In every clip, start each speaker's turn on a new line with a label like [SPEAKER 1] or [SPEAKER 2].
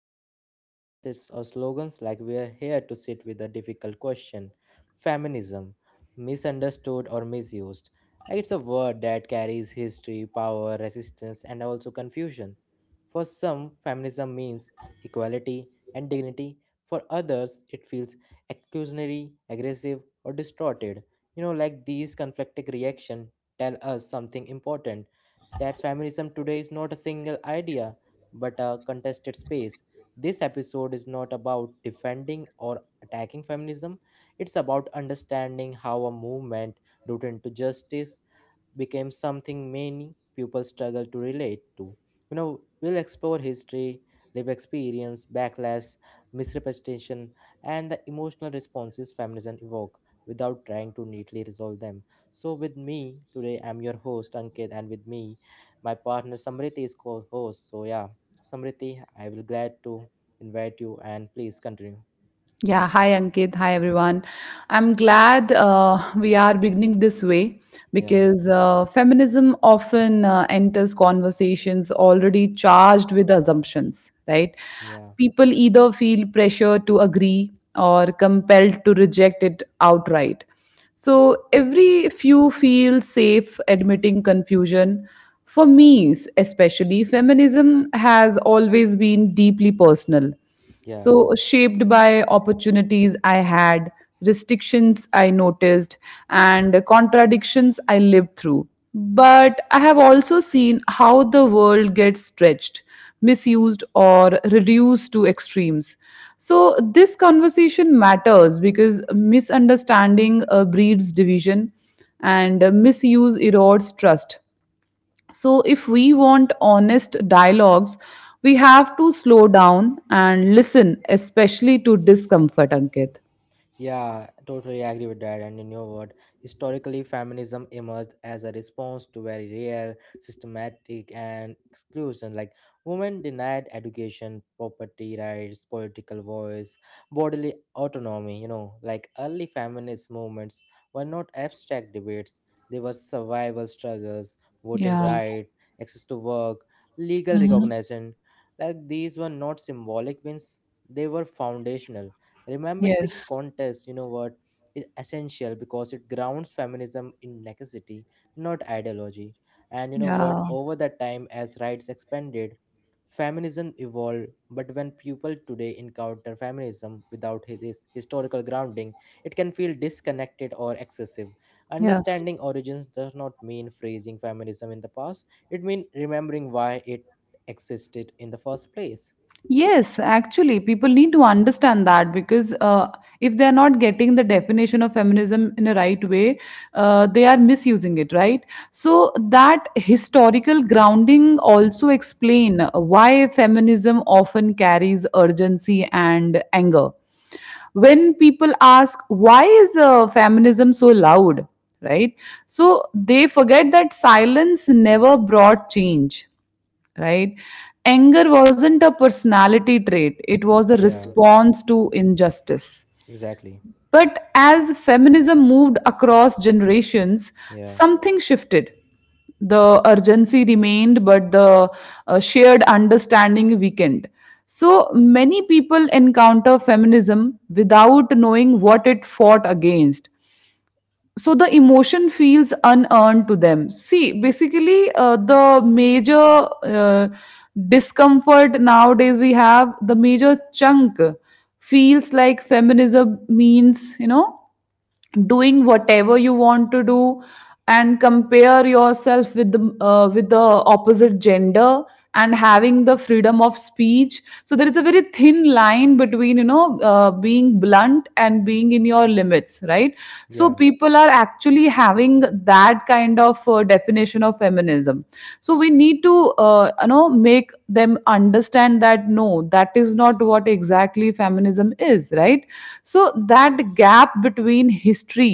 [SPEAKER 1] deliver verses or slogans. Like we are here to sit with a difficult question: feminism, misunderstood or misused. Like it's a word that carries history, power, resistance, and also confusion. For some, feminism means equality and dignity. For others, it feels exclusionary, aggressive, or distorted. You know, like these conflicting reactions tell us something important that feminism today is not a single idea, but a contested space. This episode is not about defending or attacking feminism, it's about understanding how a movement rooted into justice became something many people struggle to relate to. You know, we'll explore history, live experience, backlash, misrepresentation, and the emotional responses feminism evoke without trying to neatly resolve them. So, with me today, I'm your host Ankit, and with me, my partner Samriti is co-host. So, yeah, Samriti, I will glad to invite you, and please continue.
[SPEAKER 2] Yeah, hi Ankit, hi everyone. I'm glad we are beginning this way
[SPEAKER 1] Yeah,
[SPEAKER 2] because feminism often enters conversations already charged with assumptions, right?
[SPEAKER 1] yeah,
[SPEAKER 2] People either feel pressure to agree or compelled to reject it outright. So every few feel safe admitting confusion. For me, especially, feminism has always been deeply personal,
[SPEAKER 1] yeah.
[SPEAKER 2] so, shaped by opportunities I had, restrictions I noticed, and contradictions I lived through. But I have also seen how the world gets stretched, misused, or reduced to extremes. So, this conversation matters because misunderstanding breeds division and misuse erodes trust. So, if we want honest dialogues, we have to slow down and listen, especially to discomfort, Ankit.
[SPEAKER 1] Yeah, totally agree with that. And in your word, historically, feminism emerged as a response to very real, systematic, and exclusion. Like women denied education, property rights, political voice, bodily autonomy. You know, like early feminist movements were not abstract debates; they were survival struggles, voting
[SPEAKER 2] Yeah.
[SPEAKER 1] right, access to work, legal
[SPEAKER 2] Mhm.
[SPEAKER 1] recognition. Like these were not symbolic wins; they were foundational. Remember this
[SPEAKER 2] Yes.
[SPEAKER 1] contest, you know what, is essential because it grounds feminism in necessity, not ideology. And you know what,
[SPEAKER 2] Yeah.
[SPEAKER 1] over the time as rights expanded, feminism evolved. But when people today encounter feminism without this historical grounding, it can feel disconnected or excessive.
[SPEAKER 2] Yeah.
[SPEAKER 1] Understanding origins does not mean phrasing feminism in the past, it means remembering why it existed in the first place.
[SPEAKER 2] Yes, actually, people need to understand that, because if they are not getting the definition of feminism in a right way, they are misusing it, right? So that historical grounding also explain why feminism often carries urgency and anger. When people ask why is feminism so loud, right? So they forget that silence never brought change, right? Anger wasn't a personality trait, it was a
[SPEAKER 1] Yeah,
[SPEAKER 2] response to injustice.
[SPEAKER 1] exactly.
[SPEAKER 2] But as feminism moved across generations,
[SPEAKER 1] Yeah,
[SPEAKER 2] something shifted. The urgency remained, but the shared understanding weakened. So many people encounter feminism without knowing what it fought against, so the emotion feels unearned to them. See, basically, the major discomfort nowadays, we have the major chunk feels like feminism means, you know, doing whatever you want to do and compare yourself with the opposite gender and having the freedom of speech. So there is a very thin line between, you know, being blunt and being in your limits, right? So
[SPEAKER 1] yeah.
[SPEAKER 2] people are actually having that kind of definition of feminism. So we need to, you know, make them understand that no, that is not what exactly feminism is, right? So that gap between history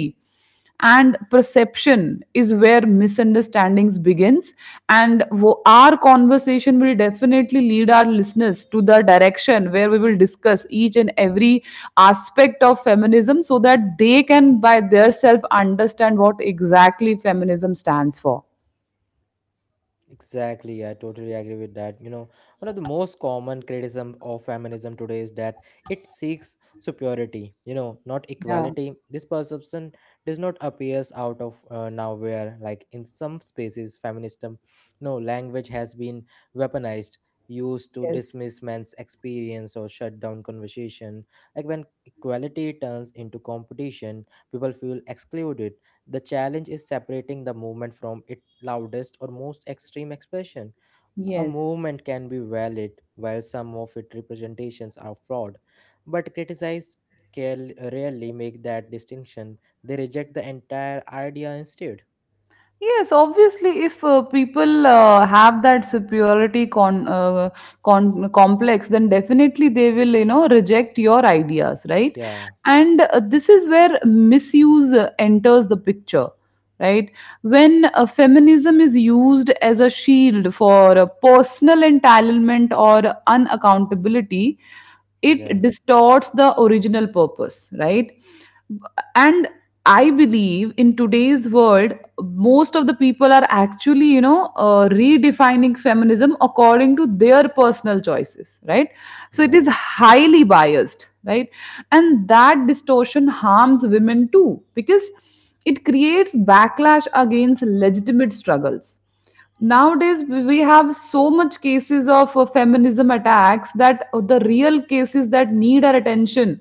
[SPEAKER 2] and perception is where misunderstandings begins. And our conversation will definitely lead our listeners to the direction where we will discuss each and every aspect of feminism so that they can by themselves understand what exactly feminism stands for.
[SPEAKER 1] Exactly, I totally agree with that. You know, one of the most common criticism of feminism today is that it seeks superiority, you know, not
[SPEAKER 2] Yeah.
[SPEAKER 1] equality. This perception does not appears out of nowhere. Like in some spaces, feminism, you know, language has been weaponized, used to
[SPEAKER 2] Yes,
[SPEAKER 1] dismiss men's experience or shut down conversation. Like when equality turns into competition, people feel excluded the challenge is separating the movement from its loudest or most extreme expression. A
[SPEAKER 2] yes.
[SPEAKER 1] movement can be valid while some of its representations are flawed, but criticize rarely make that distinction. They reject the entire idea instead.
[SPEAKER 2] Yes, obviously, if people have that superiority complex, then definitely they will, you know, reject your ideas, right?
[SPEAKER 1] Yeah,
[SPEAKER 2] And this is where misuse enters the picture, right? When feminism is used as a shield for personal entitlement or unaccountability, it
[SPEAKER 1] yeah,
[SPEAKER 2] distorts the original purpose, right? And I believe in today's world, most of the people are actually, you know, redefining feminism according to their personal choices, right? So it
[SPEAKER 1] yeah,
[SPEAKER 2] is highly biased, right? And that distortion harms women too, because it creates backlash against legitimate struggles. Nowadays we have so much cases of feminism attacks that the real cases that need our attention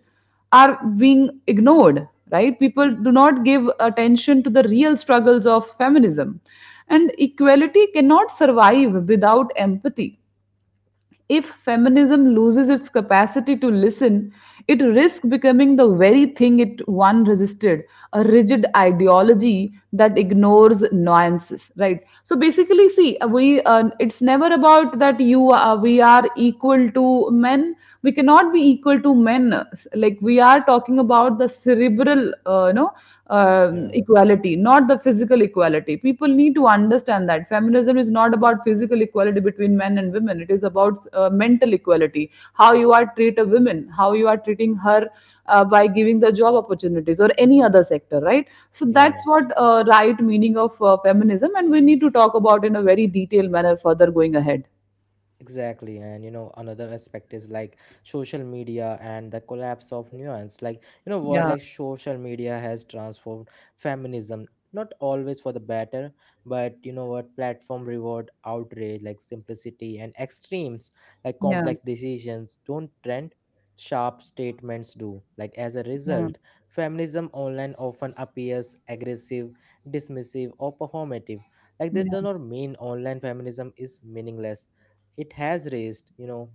[SPEAKER 2] are being ignored, right? People do not give attention to the real struggles of feminism, and equality cannot survive without empathy. If feminism loses its capacity to listen, it risks becoming the very thing it once resisted, a rigid ideology that ignores nuances, right? So basically, see, we it's never about that you we are equal to men. We cannot be equal to men. Like, we are talking about the cerebral, you know,
[SPEAKER 1] yeah,
[SPEAKER 2] equality, not the physical equality. People need to understand that feminism is not about physical equality between men and women. It is about mental equality, how you are treat a woman, how you are treating her, by giving the job opportunities or any other sector, right? So
[SPEAKER 1] yeah.
[SPEAKER 2] that's what, right meaning of feminism, and we need to talk about in a very detailed manner further going ahead.
[SPEAKER 1] Exactly, and you know another aspect is like social media and the collapse of nuance. Like you know what,
[SPEAKER 2] Yeah.
[SPEAKER 1] like social media has transformed feminism, not always for the better, but you know what, platform reward outrage, like simplicity and extremes, like
[SPEAKER 2] Yeah.
[SPEAKER 1] complex decisions don't trend, sharp statements do. Like as a
[SPEAKER 2] Yeah.
[SPEAKER 1] result, feminism online often appears aggressive, dismissive, or performative. Like this
[SPEAKER 2] Yeah.
[SPEAKER 1] does not mean online feminism is meaningless, it has raised, you know,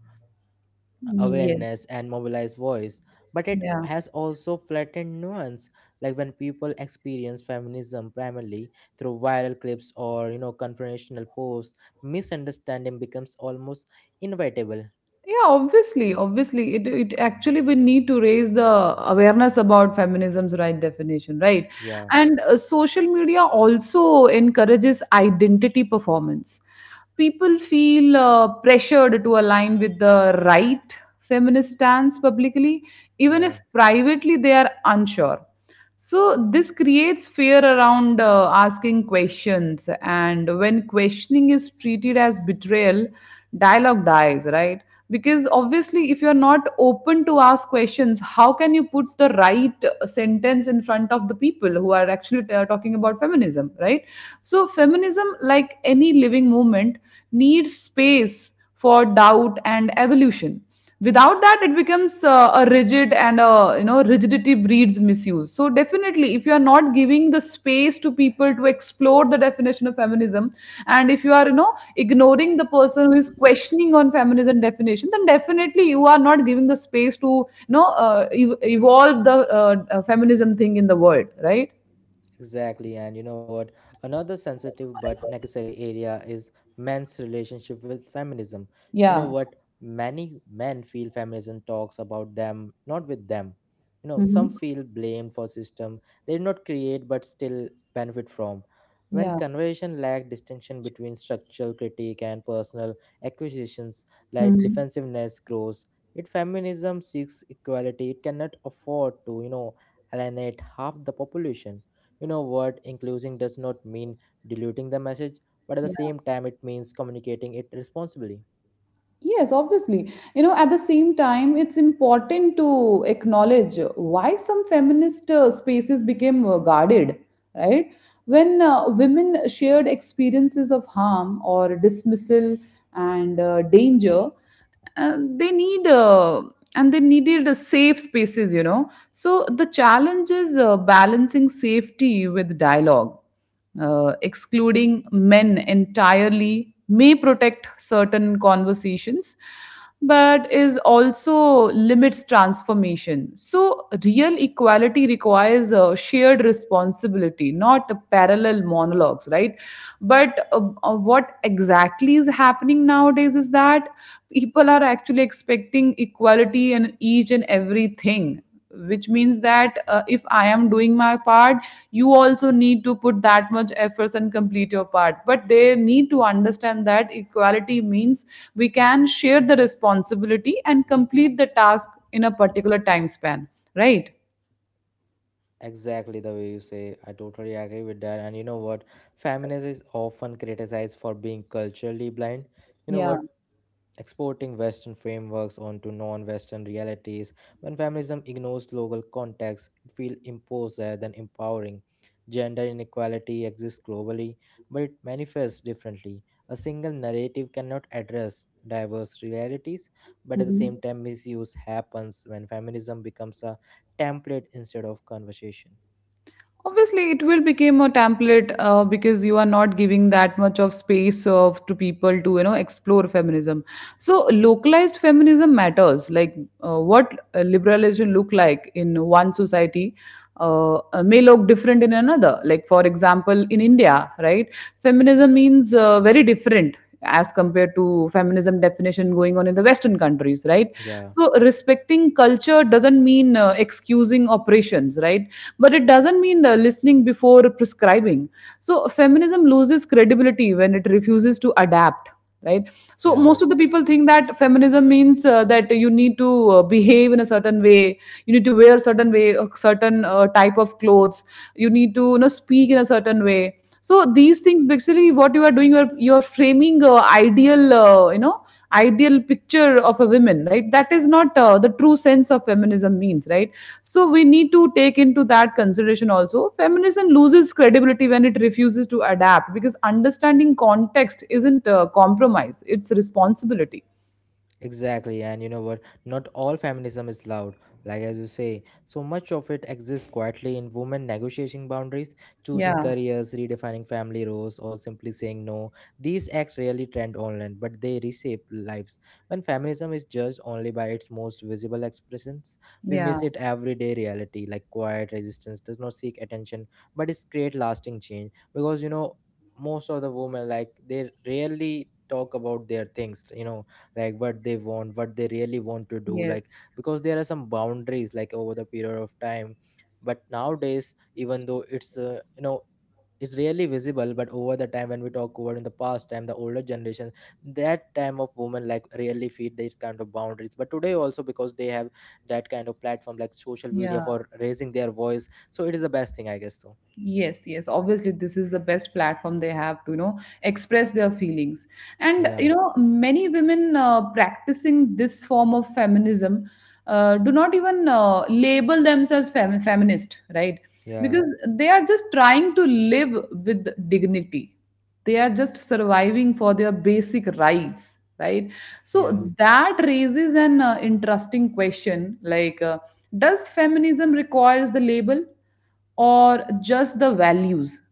[SPEAKER 2] Yes.
[SPEAKER 1] awareness and mobilized voice, but it
[SPEAKER 2] Yeah.
[SPEAKER 1] has also flattened nuance. Like when people experience feminism primarily through viral clips or, you know, confrontational posts, misunderstanding becomes almost inevitable.
[SPEAKER 2] Yeah, obviously, obviously, it actually we need to raise the awareness about feminism's right definition, right?
[SPEAKER 1] Yeah,
[SPEAKER 2] And social media also encourages identity performance. People feel pressured to align with the right feminist stance publicly, even
[SPEAKER 1] yeah.
[SPEAKER 2] if privately they are unsure. So, this creates fear around asking questions. And when questioning is treated as betrayal, dialogue dies, right? Because obviously, if you're not open to ask questions, how can you put the right sentence in front of the people who are actually talking about feminism, right? So, feminism, like any living movement, needs space for doubt and evolution. Without that it becomes a rigid, and you know, rigidity breeds misuse. So definitely, if you are not giving the space to people to explore the definition of feminism, and if you are, you know, ignoring the person who is questioning on feminism definition, then definitely you are not giving the space to, you know, evolve the feminism thing in the world, right?
[SPEAKER 1] Exactly, and you know what? Another sensitive but necessary area is men's relationship with feminism. You know
[SPEAKER 2] Yeah.
[SPEAKER 1] what? Many men feel feminism talks about them, not with them. You know, some
[SPEAKER 2] Mhm.
[SPEAKER 1] feel blamed for system they did not create but still benefit from. When
[SPEAKER 2] Yeah.
[SPEAKER 1] conversation lack distinction between structural critique and personal acquisitions, like defensiveness grows, if feminism seeks equality, it cannot afford to, you know, alienate half the population. You know what? Including does not mean diluting the message, but at the
[SPEAKER 2] Mhm.
[SPEAKER 1] same time, it means communicating it responsibly.
[SPEAKER 2] Yes, obviously. You know, at the same time, it's important to acknowledge why some feminist spaces became guarded, right? When women shared experiences of harm or dismissal and danger, they need and they needed safe spaces, you know. So the challenge is balancing safety with dialogue. Excluding men entirely may protect certain conversations, but is also limits transformation. So real equality requires a shared responsibility, not a parallel monologues, right? But what exactly is happening nowadays is that people are actually expecting equality in each and everything, which means that, if I am doing my part, you also need to put that much efforts and complete your part. But they need to understand that equality means we can share the responsibility and complete the task in a particular time span, right?
[SPEAKER 1] Exactly the way you say. I totally agree with that. And you know what? Feminism is often criticized for being culturally blind. You know
[SPEAKER 2] Yeah.
[SPEAKER 1] what? Exporting Western frameworks onto non Western realities. When feminism ignores local contexts, it feels imposed rather than empowering. Gender inequality exists globally, but it manifests differently. A single narrative cannot address diverse realities, but at the
[SPEAKER 2] Mhm.
[SPEAKER 1] same time, misuse happens when feminism becomes a template instead of conversation.
[SPEAKER 2] Obviously, it will become a template because you are not giving that much of space of to people to, you know, explore feminism. So localized feminism matters. Like, what liberalism look like in one society may look different in another. Like for example, in India, right, feminism means very different as compared to feminism definition going on in the western countries, right?
[SPEAKER 1] Yeah,
[SPEAKER 2] So respecting culture doesn't mean excusing operations, right? But it doesn't mean listening before prescribing. So feminism loses credibility when it refuses to adapt, right? So
[SPEAKER 1] yeah.
[SPEAKER 2] most of the people think that feminism means that you need to behave in a certain way, you need to wear a certain way, a certain type of clothes, you need to, you know, speak in a certain way. So these things, basically what you are doing, you're framing ideal, you know, ideal picture of a woman, right? That is not the true sense of feminism means, right? So we need to take into that consideration also. Feminism loses credibility when it refuses to adapt, because understanding context isn't compromise, it's responsibility.
[SPEAKER 1] Exactly, and you know what? Not all feminism is loud, like as you say. So much of it exists quietly in women negotiating boundaries, choosing
[SPEAKER 2] Yeah,
[SPEAKER 1] careers, redefining family roles, or simply saying no. These acts rarely trend online, but they reshape lives. When feminism is judged only by its most visible expressions, we
[SPEAKER 2] yeah,
[SPEAKER 1] miss its everyday reality. Like quiet resistance does not seek attention, but it creates lasting change. Because, you know, most of the women, like, they rarely talk about their things. You know, like what they want, what they really want to do, like,
[SPEAKER 2] yes,
[SPEAKER 1] because there are some boundaries like over the period of time, but nowadays, even though it's you know, it's really visible, but over the time when we talk about in the past time, the older generation, that time of women, like, really feed these kind of boundaries. But today also, because they have that kind of platform like social media
[SPEAKER 2] yeah.
[SPEAKER 1] for raising their voice, so it is the best thing I guess so.
[SPEAKER 2] Yes, yes, obviously, this is the best platform they have to, you know, express their feelings. And
[SPEAKER 1] Yeah,
[SPEAKER 2] you know, many women practicing this form of feminism do not even label themselves fem- feminist, right?
[SPEAKER 1] yeah,
[SPEAKER 2] Because they are just trying to live with dignity, they are just surviving for their basic rights, right?
[SPEAKER 1] yeah,
[SPEAKER 2] So that raises an interesting question, like, does feminism requires the label or just the values?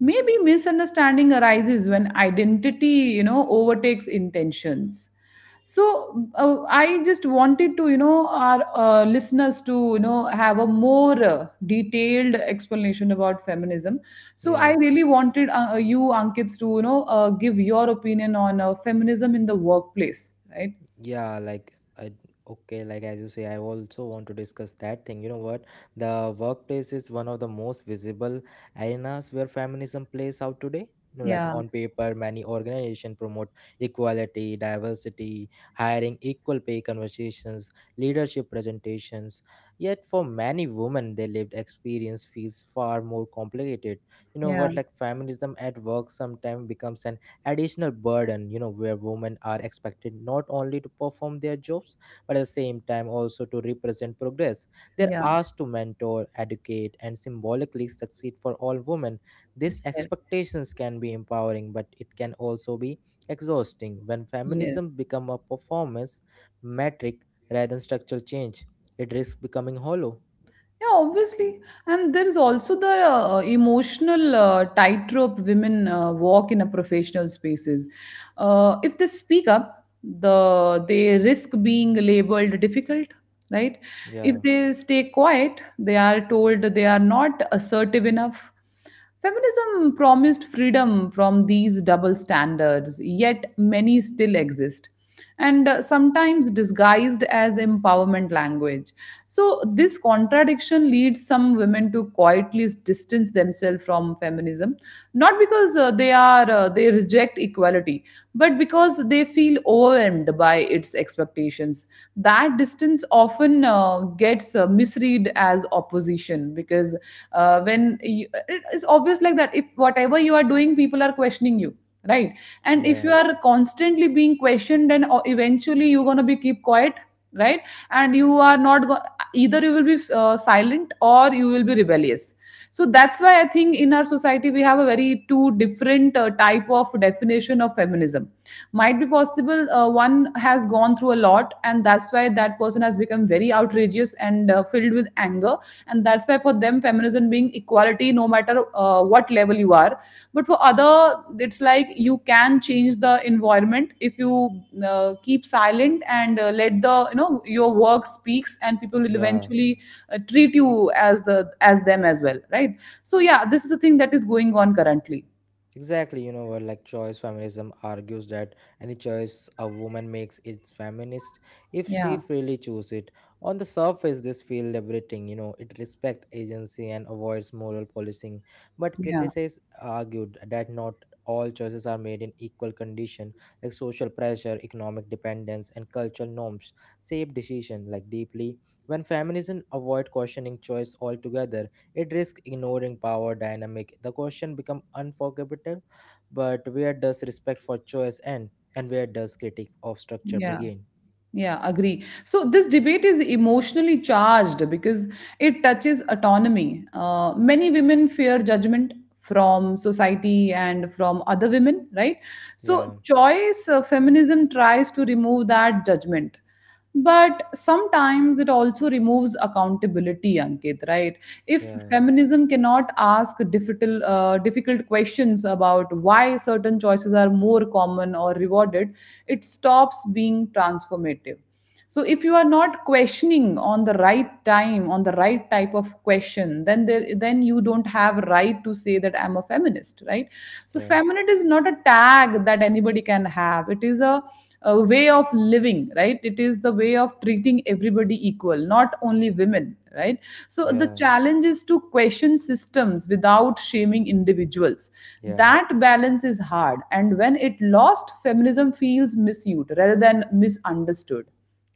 [SPEAKER 2] Maybe misunderstanding arises when identity, you know, overtakes intentions. So I just wanted to, you know, our listeners to, you know, have a more detailed explanation about feminism. So I
[SPEAKER 1] yeah.
[SPEAKER 2] really wanted, you Ankit, to, you know, give your opinion on feminism in the workplace, right?
[SPEAKER 1] Yeah, like I okay, like as you say, I also want to discuss that thing. You know what? The workplace is one of the most visible arenas where feminism plays out today. You know, like
[SPEAKER 2] Yeah.
[SPEAKER 1] on paper, many organizations promote equality, diversity, hiring equal pay conversations, leadership presentations. Yet for many women, their lived experience feels far more complicated. You know
[SPEAKER 2] Yeah.
[SPEAKER 1] what? Like feminism at work sometimes becomes an additional burden, you know, where women are expected not only to perform their jobs but at the same time also to represent progress. They're
[SPEAKER 2] Yeah.
[SPEAKER 1] asked to mentor, educate, and symbolically succeed for all women. These
[SPEAKER 2] Yes.
[SPEAKER 1] expectations can be empowering, but it can also be exhausting. When
[SPEAKER 2] Yes.
[SPEAKER 1] feminism becomes a performance metric rather than structural change, it risks becoming hollow.
[SPEAKER 2] Yeah, obviously. And there is also the emotional tightrope women walk in a professional spaces. If they speak up, they risk being labeled difficult, right?
[SPEAKER 1] Yeah,
[SPEAKER 2] If they stay quiet, they are told they are not assertive enough. Feminism promised freedom from these double standards, yet many still exist, and sometimes disguised as empowerment language. So, this contradiction leads some women to quietly distance themselves from feminism, not because they are they reject equality but because they feel overwhelmed by its expectations. That distance often gets misread as opposition because it's obvious like that if whatever you are doing people are questioning you, right? And if you
[SPEAKER 1] yeah,
[SPEAKER 2] are constantly being questioned and eventually you're going to be keep quiet, right? And you are not go- either you will be silent or you will be rebellious. So that's why I think in our society we have a very two different type of definition of feminism. Might be possible one has gone through a lot, and that's why that person has become very outrageous and filled with anger, and that's why for them feminism being equality no matter what level you are. But for other it's like you can change the environment if you keep silent and let the your work speaks and people will
[SPEAKER 1] yeah.
[SPEAKER 2] eventually treat you as the as them as well, right? So yeah, this is the thing that is going on currently.
[SPEAKER 1] Exactly, you know what, like choice feminism argues that any choice a woman makes is feminist if she
[SPEAKER 2] Yeah,
[SPEAKER 1] freely chooses it. On the surface, this feels liberating, you know, it respects agency and avoids moral policing. But
[SPEAKER 2] yeah,
[SPEAKER 1] criticists argued that not all choices are made in equal condition, like social pressure, economic dependence, and cultural norms shape decision like deeply. When feminism avoid questioning choice altogether, it risks ignoring power dynamic. The question becomes unforgivable, but where does respect for choice end, and where does critique of structure
[SPEAKER 2] yeah,
[SPEAKER 1] begin?
[SPEAKER 2] yeah, agree. So this debate is emotionally charged because it touches autonomy. Many women fear judgment from society and from other women, right? So
[SPEAKER 1] Yeah,
[SPEAKER 2] choice feminism tries to remove that judgment, but sometimes it also removes accountability, Ankit, right? If
[SPEAKER 1] yeah,
[SPEAKER 2] feminism cannot ask difficult difficult questions about why certain choices are more common or rewarded, it stops being transformative. So if you are not questioning on the right time on the right type of question, then there then you don't have right to say that I'm a feminist, right? So
[SPEAKER 1] yeah,
[SPEAKER 2] feminist is not a tag that anybody can have, it is a way of living, right? It is the way of treating everybody equal, not only women, right? So the
[SPEAKER 1] yeah,
[SPEAKER 2] challenge is to question systems without shaming individuals.
[SPEAKER 1] yeah.
[SPEAKER 2] That balance is hard, and when it lost, feminism feels misused rather than misunderstood.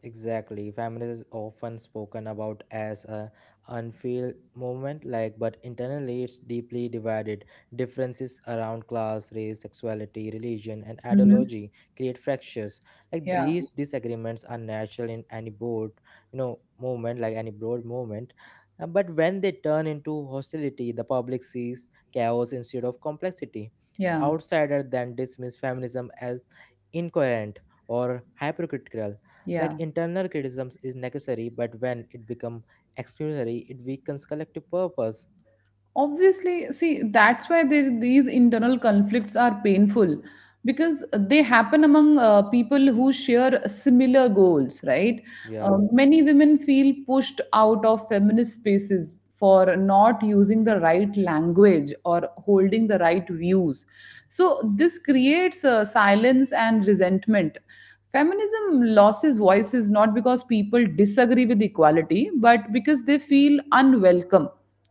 [SPEAKER 1] Exactly. Feminism is often spoken about as a unfeel movement, like, but internally it's deeply divided. Differences around class, race, sexuality, religion, and
[SPEAKER 2] Mhm.
[SPEAKER 1] ideology create fractures. Like
[SPEAKER 2] Yeah.
[SPEAKER 1] these disagreements are natural in any broad, you know, movement, like any broad movement. But when they turn into hostility, the public sees chaos instead of complexity.
[SPEAKER 2] Yeah.
[SPEAKER 1] Outsiders then dismiss feminism as incoherent or hypocritical. Like
[SPEAKER 2] Yeah.
[SPEAKER 1] internal criticisms is necessary, but when it becomes exclusionary, it weakens collective purpose.
[SPEAKER 2] Obviously, see, that's why there, these internal conflicts are painful because they happen among people who share similar goals, right? Uh,
[SPEAKER 1] Yeah,
[SPEAKER 2] many women feel pushed out of feminist spaces for not using the right language or holding the right views. So, this creates silence and resentment. Feminism loses voices not because people disagree with equality, but because they feel unwelcome,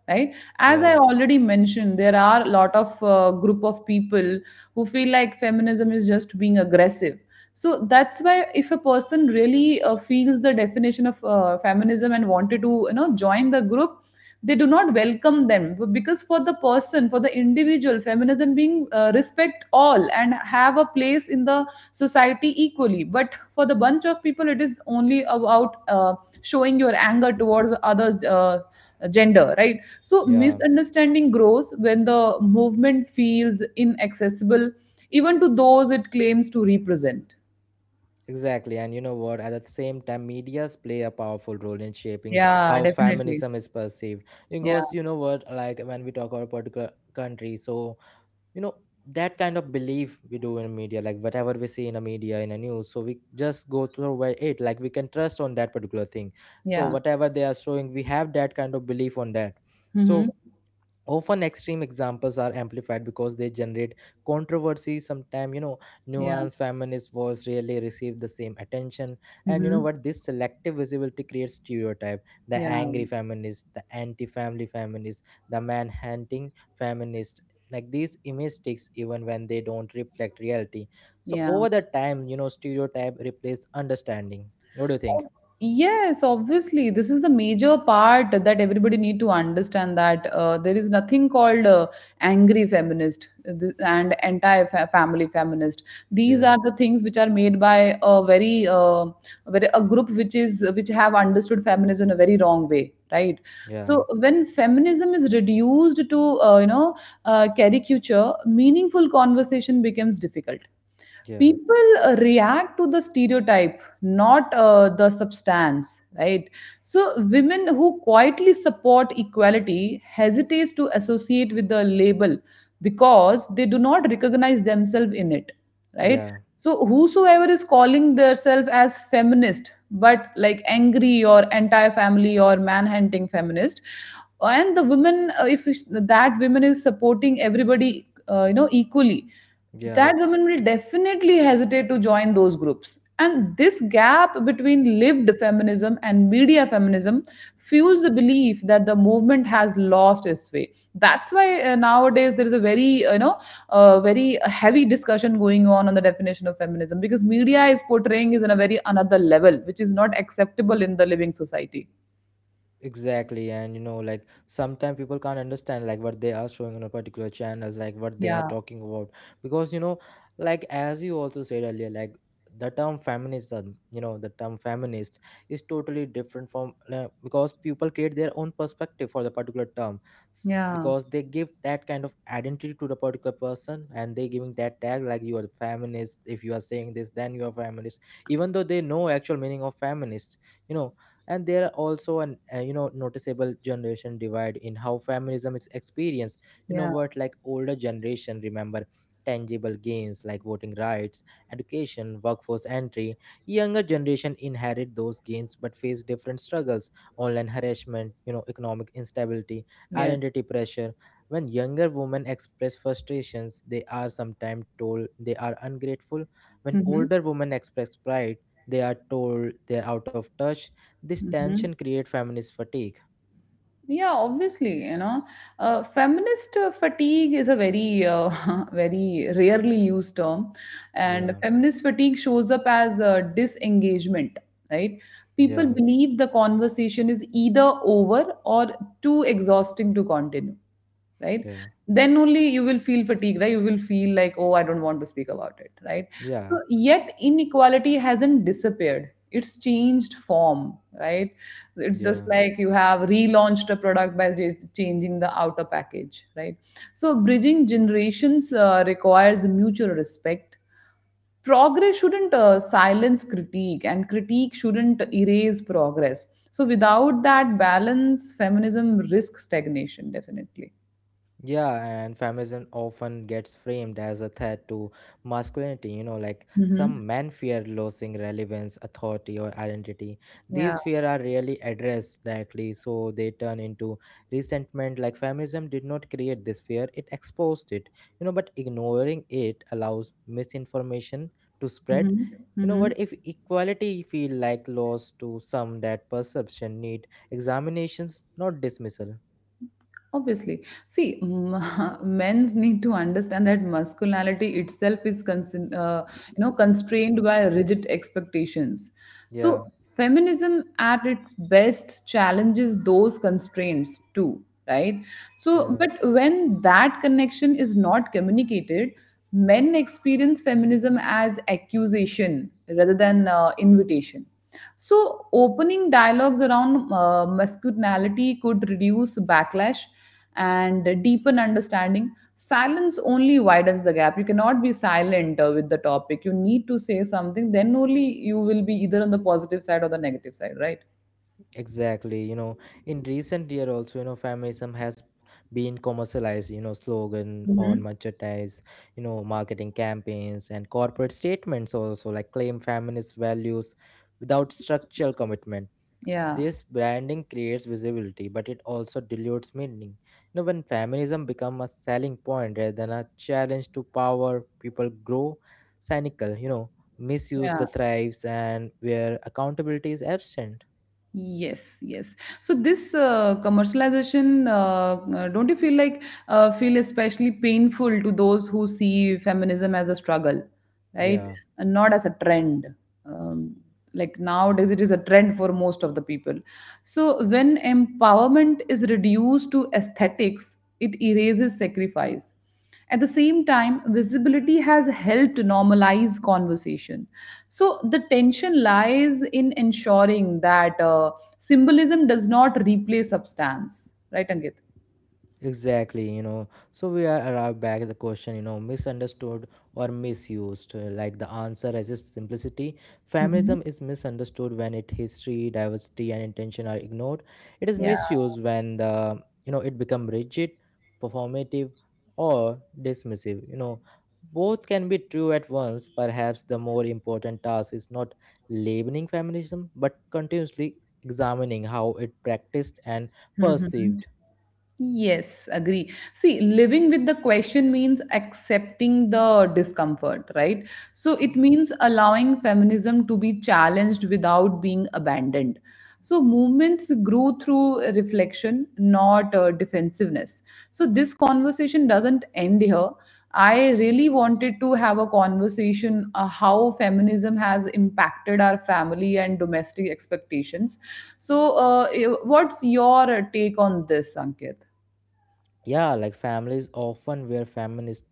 [SPEAKER 2] right? As I
[SPEAKER 1] yeah,
[SPEAKER 2] already mentioned, there are a lot of group of people who feel like feminism is just being aggressive. So that's why if a person really feels the definition of feminism and wanted to join the group, they do not welcome them, because for the person, for the individual, feminism being respect all and have a place in the society equally. But for the bunch of people, it is only about showing your anger towards other gender, right? So
[SPEAKER 1] yeah.
[SPEAKER 2] misunderstanding grows when the movement feels inaccessible even to those it claims to represent.
[SPEAKER 1] Exactly. And you know what? At the same time, medias play a powerful role in shaping
[SPEAKER 2] Yeah,
[SPEAKER 1] how
[SPEAKER 2] definitely.
[SPEAKER 1] feminism is perceived.
[SPEAKER 2] Yeah.
[SPEAKER 1] Because you know what, like when we talk about a particular country, so you know that kind of belief we do in media, like whatever we see in a media, in a news, so we just go through by it. Like we can trust on that particular thing. So
[SPEAKER 2] Yeah.
[SPEAKER 1] whatever they are showing, we have that kind of belief on that.
[SPEAKER 2] Hmm.
[SPEAKER 1] So often extreme examples are amplified because they generate controversy sometimes, you know,
[SPEAKER 2] Yeah.
[SPEAKER 1] nuanced feminist was rarely receive the same attention. And you know
[SPEAKER 2] Hmm.
[SPEAKER 1] what, this selective visibility creates stereotype, the
[SPEAKER 2] Yeah.
[SPEAKER 1] angry feminist, the anti-family feminist, the manhunting feminist. Like these image sticks even when they don't reflect reality. So
[SPEAKER 2] Yeah.
[SPEAKER 1] over the time, you know, stereotype replace understanding. What do you think?
[SPEAKER 2] Yes, obviously, this is the major part that everybody need to understand that there is nothing called angry feminist and anti-family feminist. These
[SPEAKER 1] Yeah,
[SPEAKER 2] are the things which are made by a very, very a group which is which have understood feminism in a very wrong way, right?
[SPEAKER 1] yeah,
[SPEAKER 2] So when feminism is reduced to caricature, meaningful conversation becomes difficult.
[SPEAKER 1] yeah,
[SPEAKER 2] People react to the stereotype, not the substance, right? So women who quietly support equality hesitates to associate with the label because they do not recognize themselves in it, right?
[SPEAKER 1] yeah,
[SPEAKER 2] So whosoever is calling themselves as feminist but like angry or anti-family or manhunting feminist, and the women if that women is supporting everybody equally,
[SPEAKER 1] yeah.
[SPEAKER 2] that woman will definitely hesitate to join those groups. And this gap between lived feminism and media feminism fuels the belief that the movement has lost its way. That's why nowadays there is a very, very heavy discussion going on the definition of feminism because media is portraying is on a very another level, which is not acceptable in the living society.
[SPEAKER 1] Exactly, and you know, like sometimes people can't understand like what they are showing on a particular channels, like what they are
[SPEAKER 2] Yeah,
[SPEAKER 1] talking about, because you know, like as you also said earlier, like the term feminism, you know, the term feminist, is totally different from because people create their own perspective for the particular term.
[SPEAKER 2] yeah,
[SPEAKER 1] Because they give that kind of identity to the particular person and they giving that tag like you are a feminist. If you are saying this then you are feminist, even though they know actual meaning of feminist, you know. And there are also an you know, noticeable generation divide in how feminism is experienced. You know
[SPEAKER 2] yeah,
[SPEAKER 1] what, like older generation remember tangible gains like voting rights, education, workforce entry. Younger generation inherit those gains but face different struggles: online harassment, you know, economic instability,
[SPEAKER 2] yes.
[SPEAKER 1] identity pressure. When younger women express frustrations they are sometimes told they are ungrateful. When
[SPEAKER 2] Mm-hmm.
[SPEAKER 1] older women express pride they are told they are out of touch. This tension create feminist fatigue.
[SPEAKER 2] Yeah, obviously, feminist fatigue is a very, very rarely used term, and
[SPEAKER 1] Yeah,
[SPEAKER 2] feminist fatigue shows up as disengagement. Right?
[SPEAKER 1] yeah,
[SPEAKER 2] People believe the conversation is either over or too exhausting to continue, right?
[SPEAKER 1] yeah,
[SPEAKER 2] Then only you will feel fatigue. Right, you will feel like, oh, I don't want to speak about it, right?
[SPEAKER 1] yeah,
[SPEAKER 2] So yet inequality hasn't disappeared, it's changed form, right? It's just
[SPEAKER 1] yeah.
[SPEAKER 2] like you have relaunched a product by changing the outer package, right? So bridging generations requires mutual respect. Progress shouldn't silence critique, and critique shouldn't erase progress. So without that balance, feminism risks stagnation, definitely.
[SPEAKER 1] Yeah, and feminism often gets framed as a threat to masculinity. You know, like
[SPEAKER 2] Mhm.
[SPEAKER 1] some men fear losing relevance, authority, or identity.
[SPEAKER 2] Yeah.
[SPEAKER 1] These fear are rarely addressed directly, so they turn into resentment. Like feminism did not create this fear; it exposed it. You know, but ignoring it allows misinformation to spread.
[SPEAKER 2] Mhm.
[SPEAKER 1] You know
[SPEAKER 2] Mhm.
[SPEAKER 1] what? If equality feel like loss to some, that perception need examinations, not dismissal.
[SPEAKER 2] Obviously. See, men's need to understand that masculinity itself is constrained by rigid expectations.
[SPEAKER 1] Yeah,
[SPEAKER 2] So feminism at its best challenges those constraints too, right? So
[SPEAKER 1] yeah.
[SPEAKER 2] but when that connection is not communicated, men experience feminism as accusation rather than invitation. So, opening dialogues around masculinity could reduce backlash and deepen understanding. Silence only widens the gap. You cannot be silent with the topic. You need to say something, then only you will be either on the positive side or the negative side, right?
[SPEAKER 1] Exactly, you know, in recent year also, you know, feminism has been commercialized, you know, slogan on
[SPEAKER 2] Hmm.
[SPEAKER 1] merchandise, you know, marketing campaigns and corporate statements also like claim feminist values without structural commitment.
[SPEAKER 2] Yeah.
[SPEAKER 1] This branding creates visibility, but it also dilutes meaning. You know, when feminism become a selling point rather than a challenge to power, people grow cynical, you know, misuse the
[SPEAKER 2] Yeah.
[SPEAKER 1] thrives and where accountability is absent.
[SPEAKER 2] Yes, yes. So this commercialization, don't you feel like feel especially painful to those who see feminism as a struggle, right?
[SPEAKER 1] Yeah.
[SPEAKER 2] And not as a trend. Um, like nowadays, it is a trend for most of the people. So when empowerment is reduced to aesthetics, it erases sacrifice. At the same time, visibility has helped normalize conversation, so the tension lies in ensuring that symbolism does not replace substance, right, Ankit?
[SPEAKER 1] Exactly, you know. So we are arrived back at the question, you know, misunderstood or misused. Like the answer resists simplicity.
[SPEAKER 2] Hmm.
[SPEAKER 1] Feminism is misunderstood when its history, diversity, and intention are ignored. It is
[SPEAKER 2] Yeah.
[SPEAKER 1] misused when the you know it become rigid, performative, or dismissive. You know, both can be true at once. Perhaps the more important task is not labeling feminism, but continuously examining how it practiced and
[SPEAKER 2] Hmm.
[SPEAKER 1] perceived.
[SPEAKER 2] Yes, agree. See, living with the question means accepting the discomfort, right? So it means allowing feminism to be challenged without being abandoned. So movements grew through reflection, not defensiveness. So this conversation doesn't end here. I really wanted to have a conversation how feminism has impacted our family and domestic expectations. So, what's your take on this, Ankit?
[SPEAKER 1] Yeah, like families often where feminist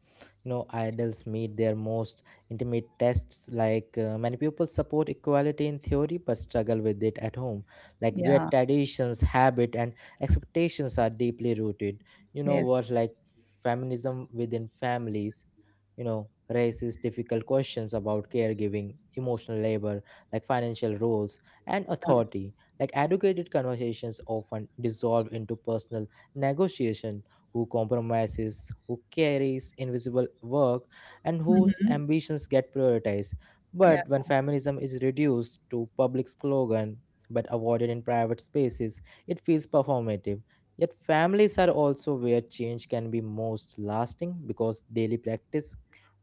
[SPEAKER 1] you know idols meet their most intimate tests like many people support equality in theory but struggle with it at home, like where
[SPEAKER 2] Yeah.
[SPEAKER 1] traditions habit and expectations are deeply rooted. You know
[SPEAKER 2] Yes.
[SPEAKER 1] what, like feminism within families, you know, raises difficult questions about caregiving emotional labor, like financial roles and
[SPEAKER 2] Yeah.
[SPEAKER 1] authority. Like educated conversations often dissolve into personal negotiation. Who compromises, who carries invisible work, and whose
[SPEAKER 2] Mhm.
[SPEAKER 1] ambitions get prioritized.
[SPEAKER 2] Yeah.
[SPEAKER 1] But when feminism is reduced to public slogan but avoided in private spaces, it feels performative. Yet families are also where change can be most lasting because daily practice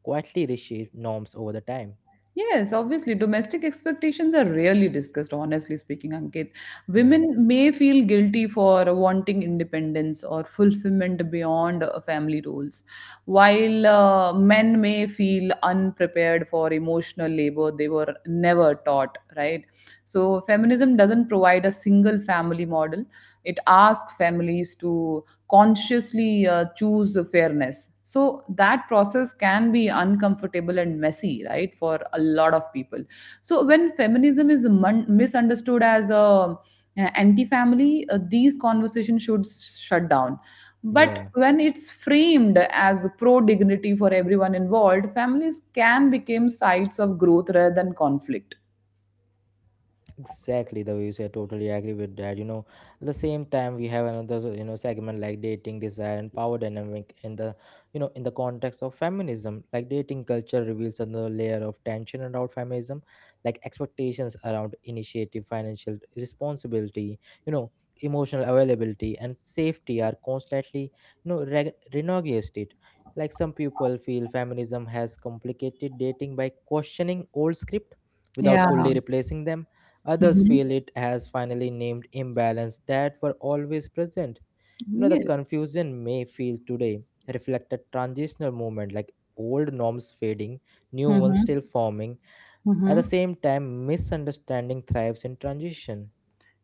[SPEAKER 1] quietly reshape norms over the time.
[SPEAKER 2] Yes, obviously, domestic expectations are rarely discussed, honestly speaking, Ankit.
[SPEAKER 1] Yeah,
[SPEAKER 2] Women may feel guilty for wanting independence or fulfillment beyond family roles, while men may feel unprepared for emotional labor they were never taught, right? So, feminism doesn't provide a single family model, it asks families to consciously choose the fairness, so that process can be uncomfortable and messy, right, for a lot of people. So when feminism is misunderstood as a anti family, these conversations should shut down. But
[SPEAKER 1] yeah.
[SPEAKER 2] when it's framed as pro dignity for everyone involved, families can become sites of growth rather than conflict.
[SPEAKER 1] Exactly, the way you say, I totally agree with that. You know, at the same time, we have another, you know, segment like dating, desire, and power dynamic in the, you know, in the context of feminism. Like dating culture reveals another layer of tension around feminism, like expectations around initiative, financial responsibility, you know, emotional availability, and safety are constantly, you know, renegotiated. Like some people feel feminism has complicated dating by questioning old script without
[SPEAKER 2] Yeah.
[SPEAKER 1] fully replacing them. Others
[SPEAKER 2] Mhm.
[SPEAKER 1] feel it has finally named imbalance that were always present. You know, the
[SPEAKER 2] Yes.
[SPEAKER 1] confusion may feel today reflected transitional movement, like old norms fading, new ones still
[SPEAKER 2] Hmm.
[SPEAKER 1] forming. At the
[SPEAKER 2] Hmm.
[SPEAKER 1] same time, misunderstanding thrives in transition.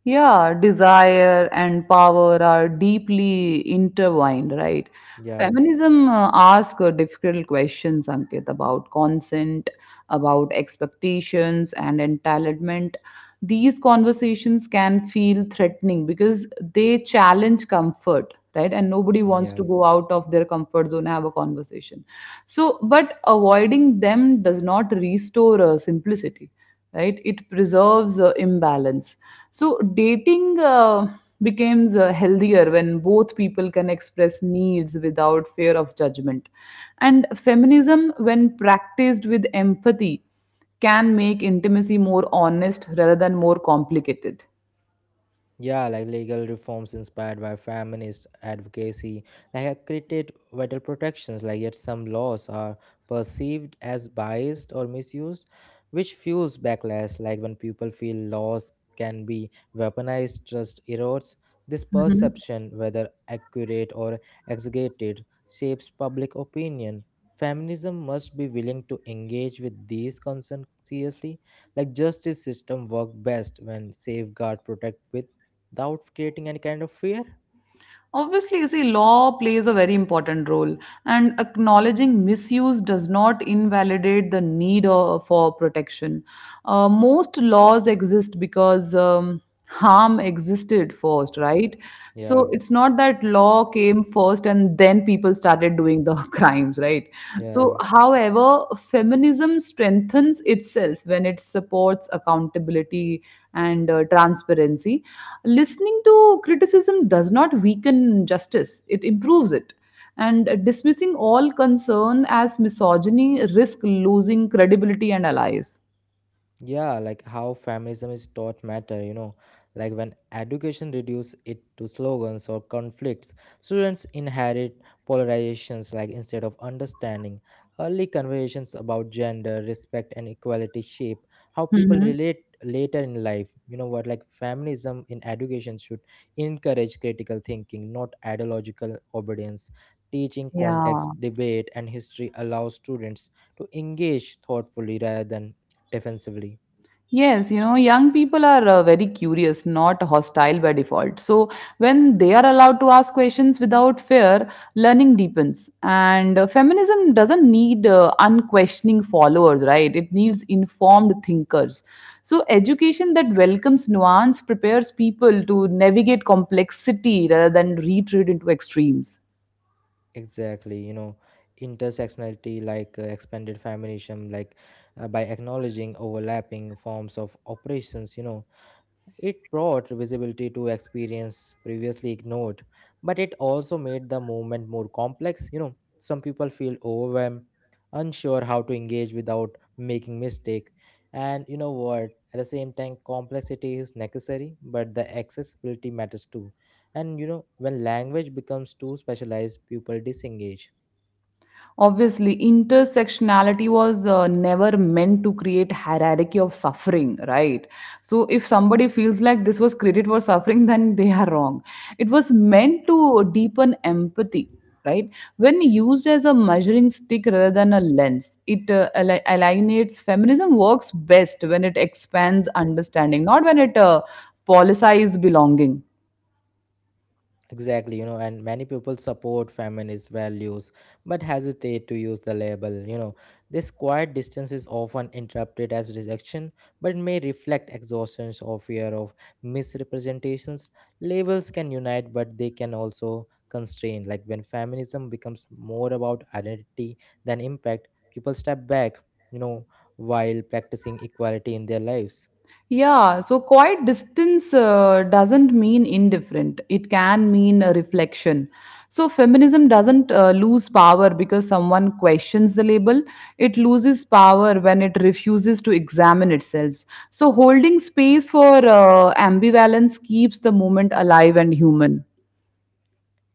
[SPEAKER 2] Yeah, desire and power are deeply intertwined, right?
[SPEAKER 1] Yeah,
[SPEAKER 2] Feminism asks difficult questions, Ankit, about consent, about expectations, and entitlement. These conversations can feel threatening because they challenge comfort, right? And nobody wants to
[SPEAKER 1] yeah.
[SPEAKER 2] go out of their comfort zone and have a conversation. So, but avoiding them does not restore simplicity, right? It preserves imbalance. So dating becomes healthier when both people can express needs without fear of judgment, and feminism, when practiced with empathy, can make intimacy more honest rather than more complicated.
[SPEAKER 1] Yeah, like legal reforms inspired by feminist advocacy, like have created vital protections, like yet some laws are perceived as biased or misused, which fuels backlash. Like when people feel laws can be weaponized, trust erodes. This
[SPEAKER 2] Mhm.
[SPEAKER 1] perception, whether accurate or exaggerated, shapes public opinion. Feminism must be willing to engage with these concerns seriously. Like justice system work best when safeguard protect with without creating any kind of fear.
[SPEAKER 2] Obviously, you see, law plays a very important role, and acknowledging misuse does not invalidate the need for protection. Most laws exist because harm existed first, right? So
[SPEAKER 1] Yeah,
[SPEAKER 2] it's not that law came first and then people started doing the crimes, right? Right.
[SPEAKER 1] yeah.
[SPEAKER 2] So, however, feminism strengthens itself when it supports accountability and transparency. Listening to criticism does not weaken justice, it improves it. And dismissing all concern as misogyny risks losing credibility and allies.
[SPEAKER 1] Yeah, like how feminism is taught matter, you know, like when education reduces it to slogans or conflicts, students inherit polarizations like instead of understanding. Early conversations about gender, respect, and equality shape how people
[SPEAKER 2] Hmm.
[SPEAKER 1] relate later in life. You know what, like feminism in education should encourage critical thinking, not ideological obedience. Teaching
[SPEAKER 2] Yeah.
[SPEAKER 1] context, debate, and history allows students to engage thoughtfully rather than defensively.
[SPEAKER 2] Yes, you know, young people are very curious, not hostile by default. So, when they are allowed to ask questions without fear, learning deepens. And feminism doesn't need unquestioning followers, right? It needs informed thinkers. So, education that welcomes nuance prepares people to navigate complexity rather than retreat into extremes.
[SPEAKER 1] Exactly, you know, intersectionality like expanded feminism, like by acknowledging overlapping forms of operations, you know, it brought visibility to experience previously ignored, but it also made the movement more complex. You know, some people feel overwhelmed, unsure how to engage without making mistake. And you know what? At the same time, complexity is necessary, but the accessibility matters too. And you know, when language becomes too specialized, people disengage.
[SPEAKER 2] Obviously, intersectionality was never meant to create hierarchy of suffering, right? So if somebody feels like this was credit for suffering, then they are wrong. It was meant to deepen empathy, right? When used as a measuring stick rather than a lens, it alienates. Feminism works best when it expands understanding, not when it policies belonging.
[SPEAKER 1] Exactly, you know, and many people support feminist values but hesitate to use the label. You know, this quiet distance is often interpreted as rejection but may reflect exhaustion or fear of misrepresentations. Labels can unite but they can also constrain. Like when feminism becomes more about identity than impact, people step back, you know, while practicing equality in their lives.
[SPEAKER 2] Yeah, so quiet distance doesn't mean indifferent. It can mean a reflection. So feminism doesn't lose power because someone questions the label. It loses power when it refuses to examine itself. So holding space for ambivalence keeps the movement alive and human.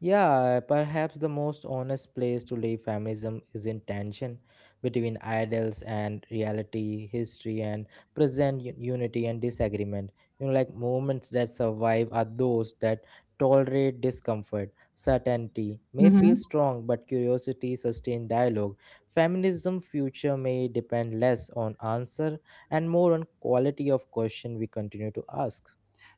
[SPEAKER 1] Yeah, perhaps the most honest place to leave feminism is in tension between ideals and reality, history and present unity and disagreement. You know, like moments that survive are those that tolerate discomfort. Certainty may feel
[SPEAKER 2] Mhm.
[SPEAKER 1] strong, but curiosity sustains dialogue. Feminism future may depend less on answer and more on quality of question we continue to ask.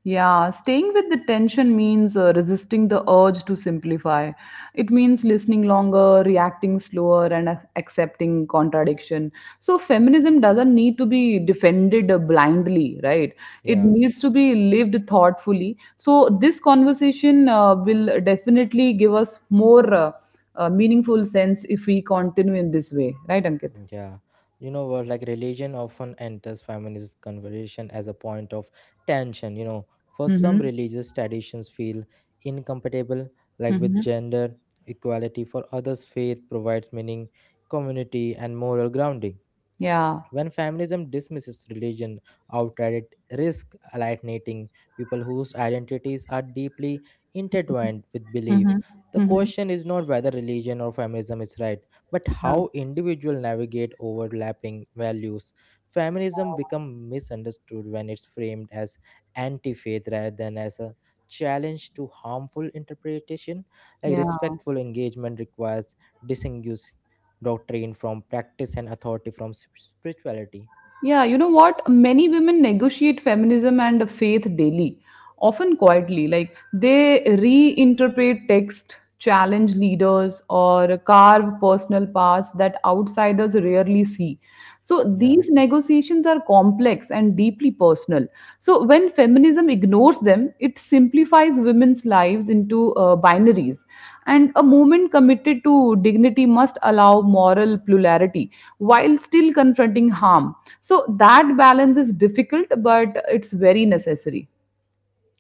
[SPEAKER 2] Yeah, staying with the tension means resisting the urge to simplify. It means listening longer, reacting slower, and accepting contradiction. So, feminism doesn't need to be defended blindly, right? It
[SPEAKER 1] Yeah.
[SPEAKER 2] needs to be lived thoughtfully. So, this conversation will definitely give us more meaningful sense if we continue in this way, right, Ankit?
[SPEAKER 1] Yeah, you know what? Like religion often enters feminist conversation as a point of tension. You know, for some
[SPEAKER 2] Mm-hmm.
[SPEAKER 1] religious traditions feel incompatible, like with
[SPEAKER 2] Mm-hmm.
[SPEAKER 1] gender equality. For others, faith provides meaning, community, and moral grounding.
[SPEAKER 2] Yeah.
[SPEAKER 1] When feminism dismisses religion outright, it risks alienating people whose identities are deeply intertwined with belief.
[SPEAKER 2] Mm-hmm.
[SPEAKER 1] The
[SPEAKER 2] Mm-hmm.
[SPEAKER 1] question is not whether religion or feminism is right, but
[SPEAKER 2] Yeah.
[SPEAKER 1] how individuals navigate overlapping values. Feminism becomes misunderstood when it's framed as anti faith rather than as a challenge to harmful interpretation. Like
[SPEAKER 2] Yeah.
[SPEAKER 1] respectful engagement requires disengagement doctrine from practice and authority from spirituality.
[SPEAKER 2] Yeah, you know what? Many women negotiate feminism and faith daily, often quietly. Like they reinterpret text, challenge leaders, or carve personal paths that outsiders rarely see. So
[SPEAKER 1] Yeah,
[SPEAKER 2] these negotiations are complex and deeply personal. So when feminism ignores them, it simplifies women's lives into binaries. And a movement committed to dignity must allow moral plurality while still confronting harm. So that balance is difficult, but it's very necessary.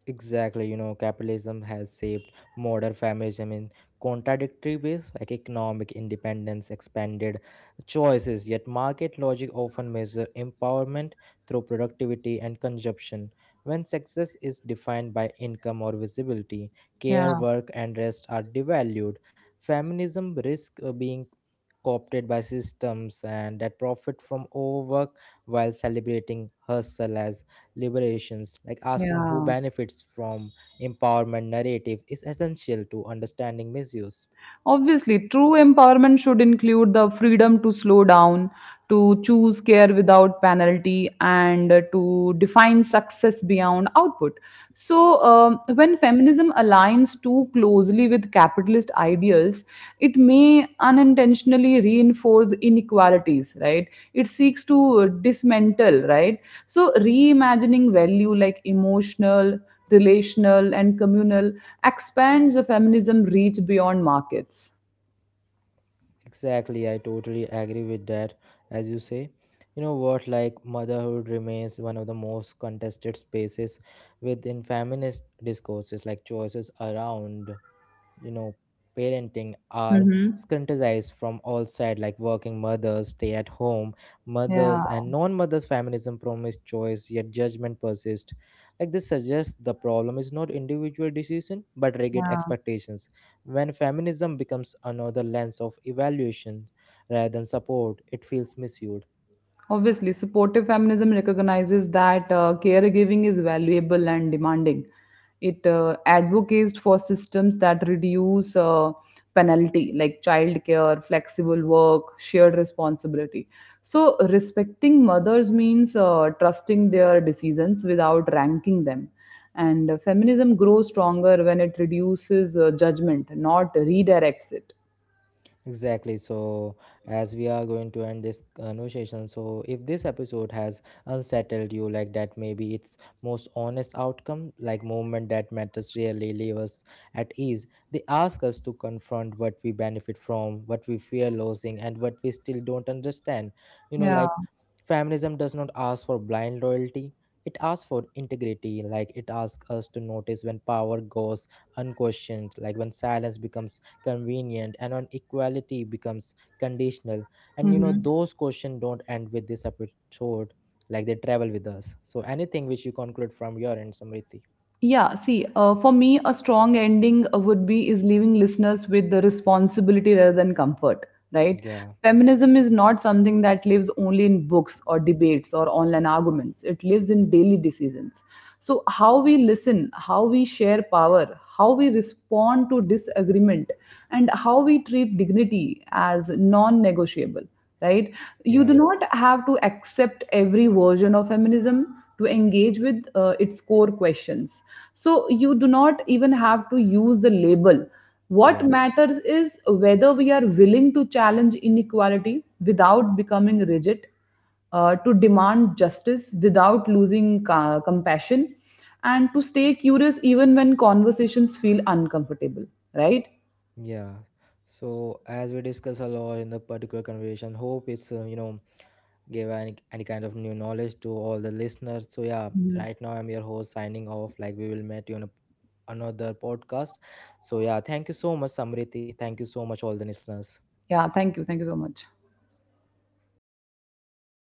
[SPEAKER 1] exactly, you know, capitalism has shaped modern feminism in contradictory ways, like economic independence expanded choices, yet market logic often measures empowerment through productivity and consumption. When success is defined by income or visibility, care
[SPEAKER 2] Yeah,
[SPEAKER 1] work and rest are devalued. Feminism risks being co-opted by systems and that profit from overwork while celebrating hustle as liberations. Like asking who
[SPEAKER 2] yeah.
[SPEAKER 1] benefits from empowerment narrative is essential to understanding misuse.
[SPEAKER 2] Obviously, true empowerment should include the freedom to slow down, to choose care without penalty, and to define success beyond output. So, when feminism aligns too closely with capitalist ideals, it may unintentionally reinforce inequalities, right? It seeks to dismantle, right? So, reimagining value like emotional, relational, and communal expands the feminism reach beyond markets.
[SPEAKER 1] Exactly, I totally agree with that. As you say, you know what, like motherhood remains one of the most contested spaces within feminist discourses, like choices around, you know, parenting are
[SPEAKER 2] Hmm.
[SPEAKER 1] scrutinized from all sides, like working mothers, stay at home
[SPEAKER 2] Yeah,
[SPEAKER 1] mothers, and non-mothers. Feminism promise choice yet judgment persists. Like this suggests the problem is not individual decision but rigid
[SPEAKER 2] yeah.
[SPEAKER 1] expectations. When feminism becomes another lens of evaluation rather than support, it feels misused.
[SPEAKER 2] Obviously, supportive feminism recognizes that caregiving is valuable and demanding. It advocates for systems that reduce penalty, like childcare, flexible work, shared responsibility. So, respecting mothers means trusting their decisions without ranking them. And feminism grows stronger when it reduces judgment, not redirects it.
[SPEAKER 1] Exactly. So, as we are going to end this conversation, so if this episode has unsettled you like that, maybe its most honest outcome, like movement that matters really leave us at ease. They ask us to confront what we benefit from, what we fear losing, and what we still don't understand. You know,
[SPEAKER 2] Yeah.
[SPEAKER 1] like feminism does not ask for blind loyalty. It asks for integrity, like it asks us to notice when power goes unquestioned, like when silence becomes convenient and on equality becomes conditional. And you know
[SPEAKER 2] Mhm.
[SPEAKER 1] those questions don't end with this episode, like they travel with us. So anything which you conclude from your end, Samriti?
[SPEAKER 2] Yeah, see, for me, a strong ending would be is leaving listeners with the responsibility rather than comfort, right?
[SPEAKER 1] Yeah,
[SPEAKER 2] Feminism is not something that lives only in books or debates or online arguments. It lives in daily decisions. So, how we listen, how we share power, how we respond to disagreement, and how we treat dignity as non negotiable, right? You do
[SPEAKER 1] yeah,
[SPEAKER 2] not have to accept every version of feminism to engage with its core questions, so you do not even have to use the label. What
[SPEAKER 1] yeah,
[SPEAKER 2] matters is whether we are willing to challenge inequality without becoming rigid, to demand justice without losing compassion, and to stay curious even when conversations feel uncomfortable, right?
[SPEAKER 1] yeah. So as we discuss a lot in the particular conversation, hope it's, you know, give any kind of new knowledge to all the listeners. So yeah,
[SPEAKER 2] Mhm.
[SPEAKER 1] right now I'm your host signing off, like we will meet you on a, another podcast. So yeah, thank you so much Samriti, thank you so much all the listeners.
[SPEAKER 2] Yeah, thank you, thank you so much.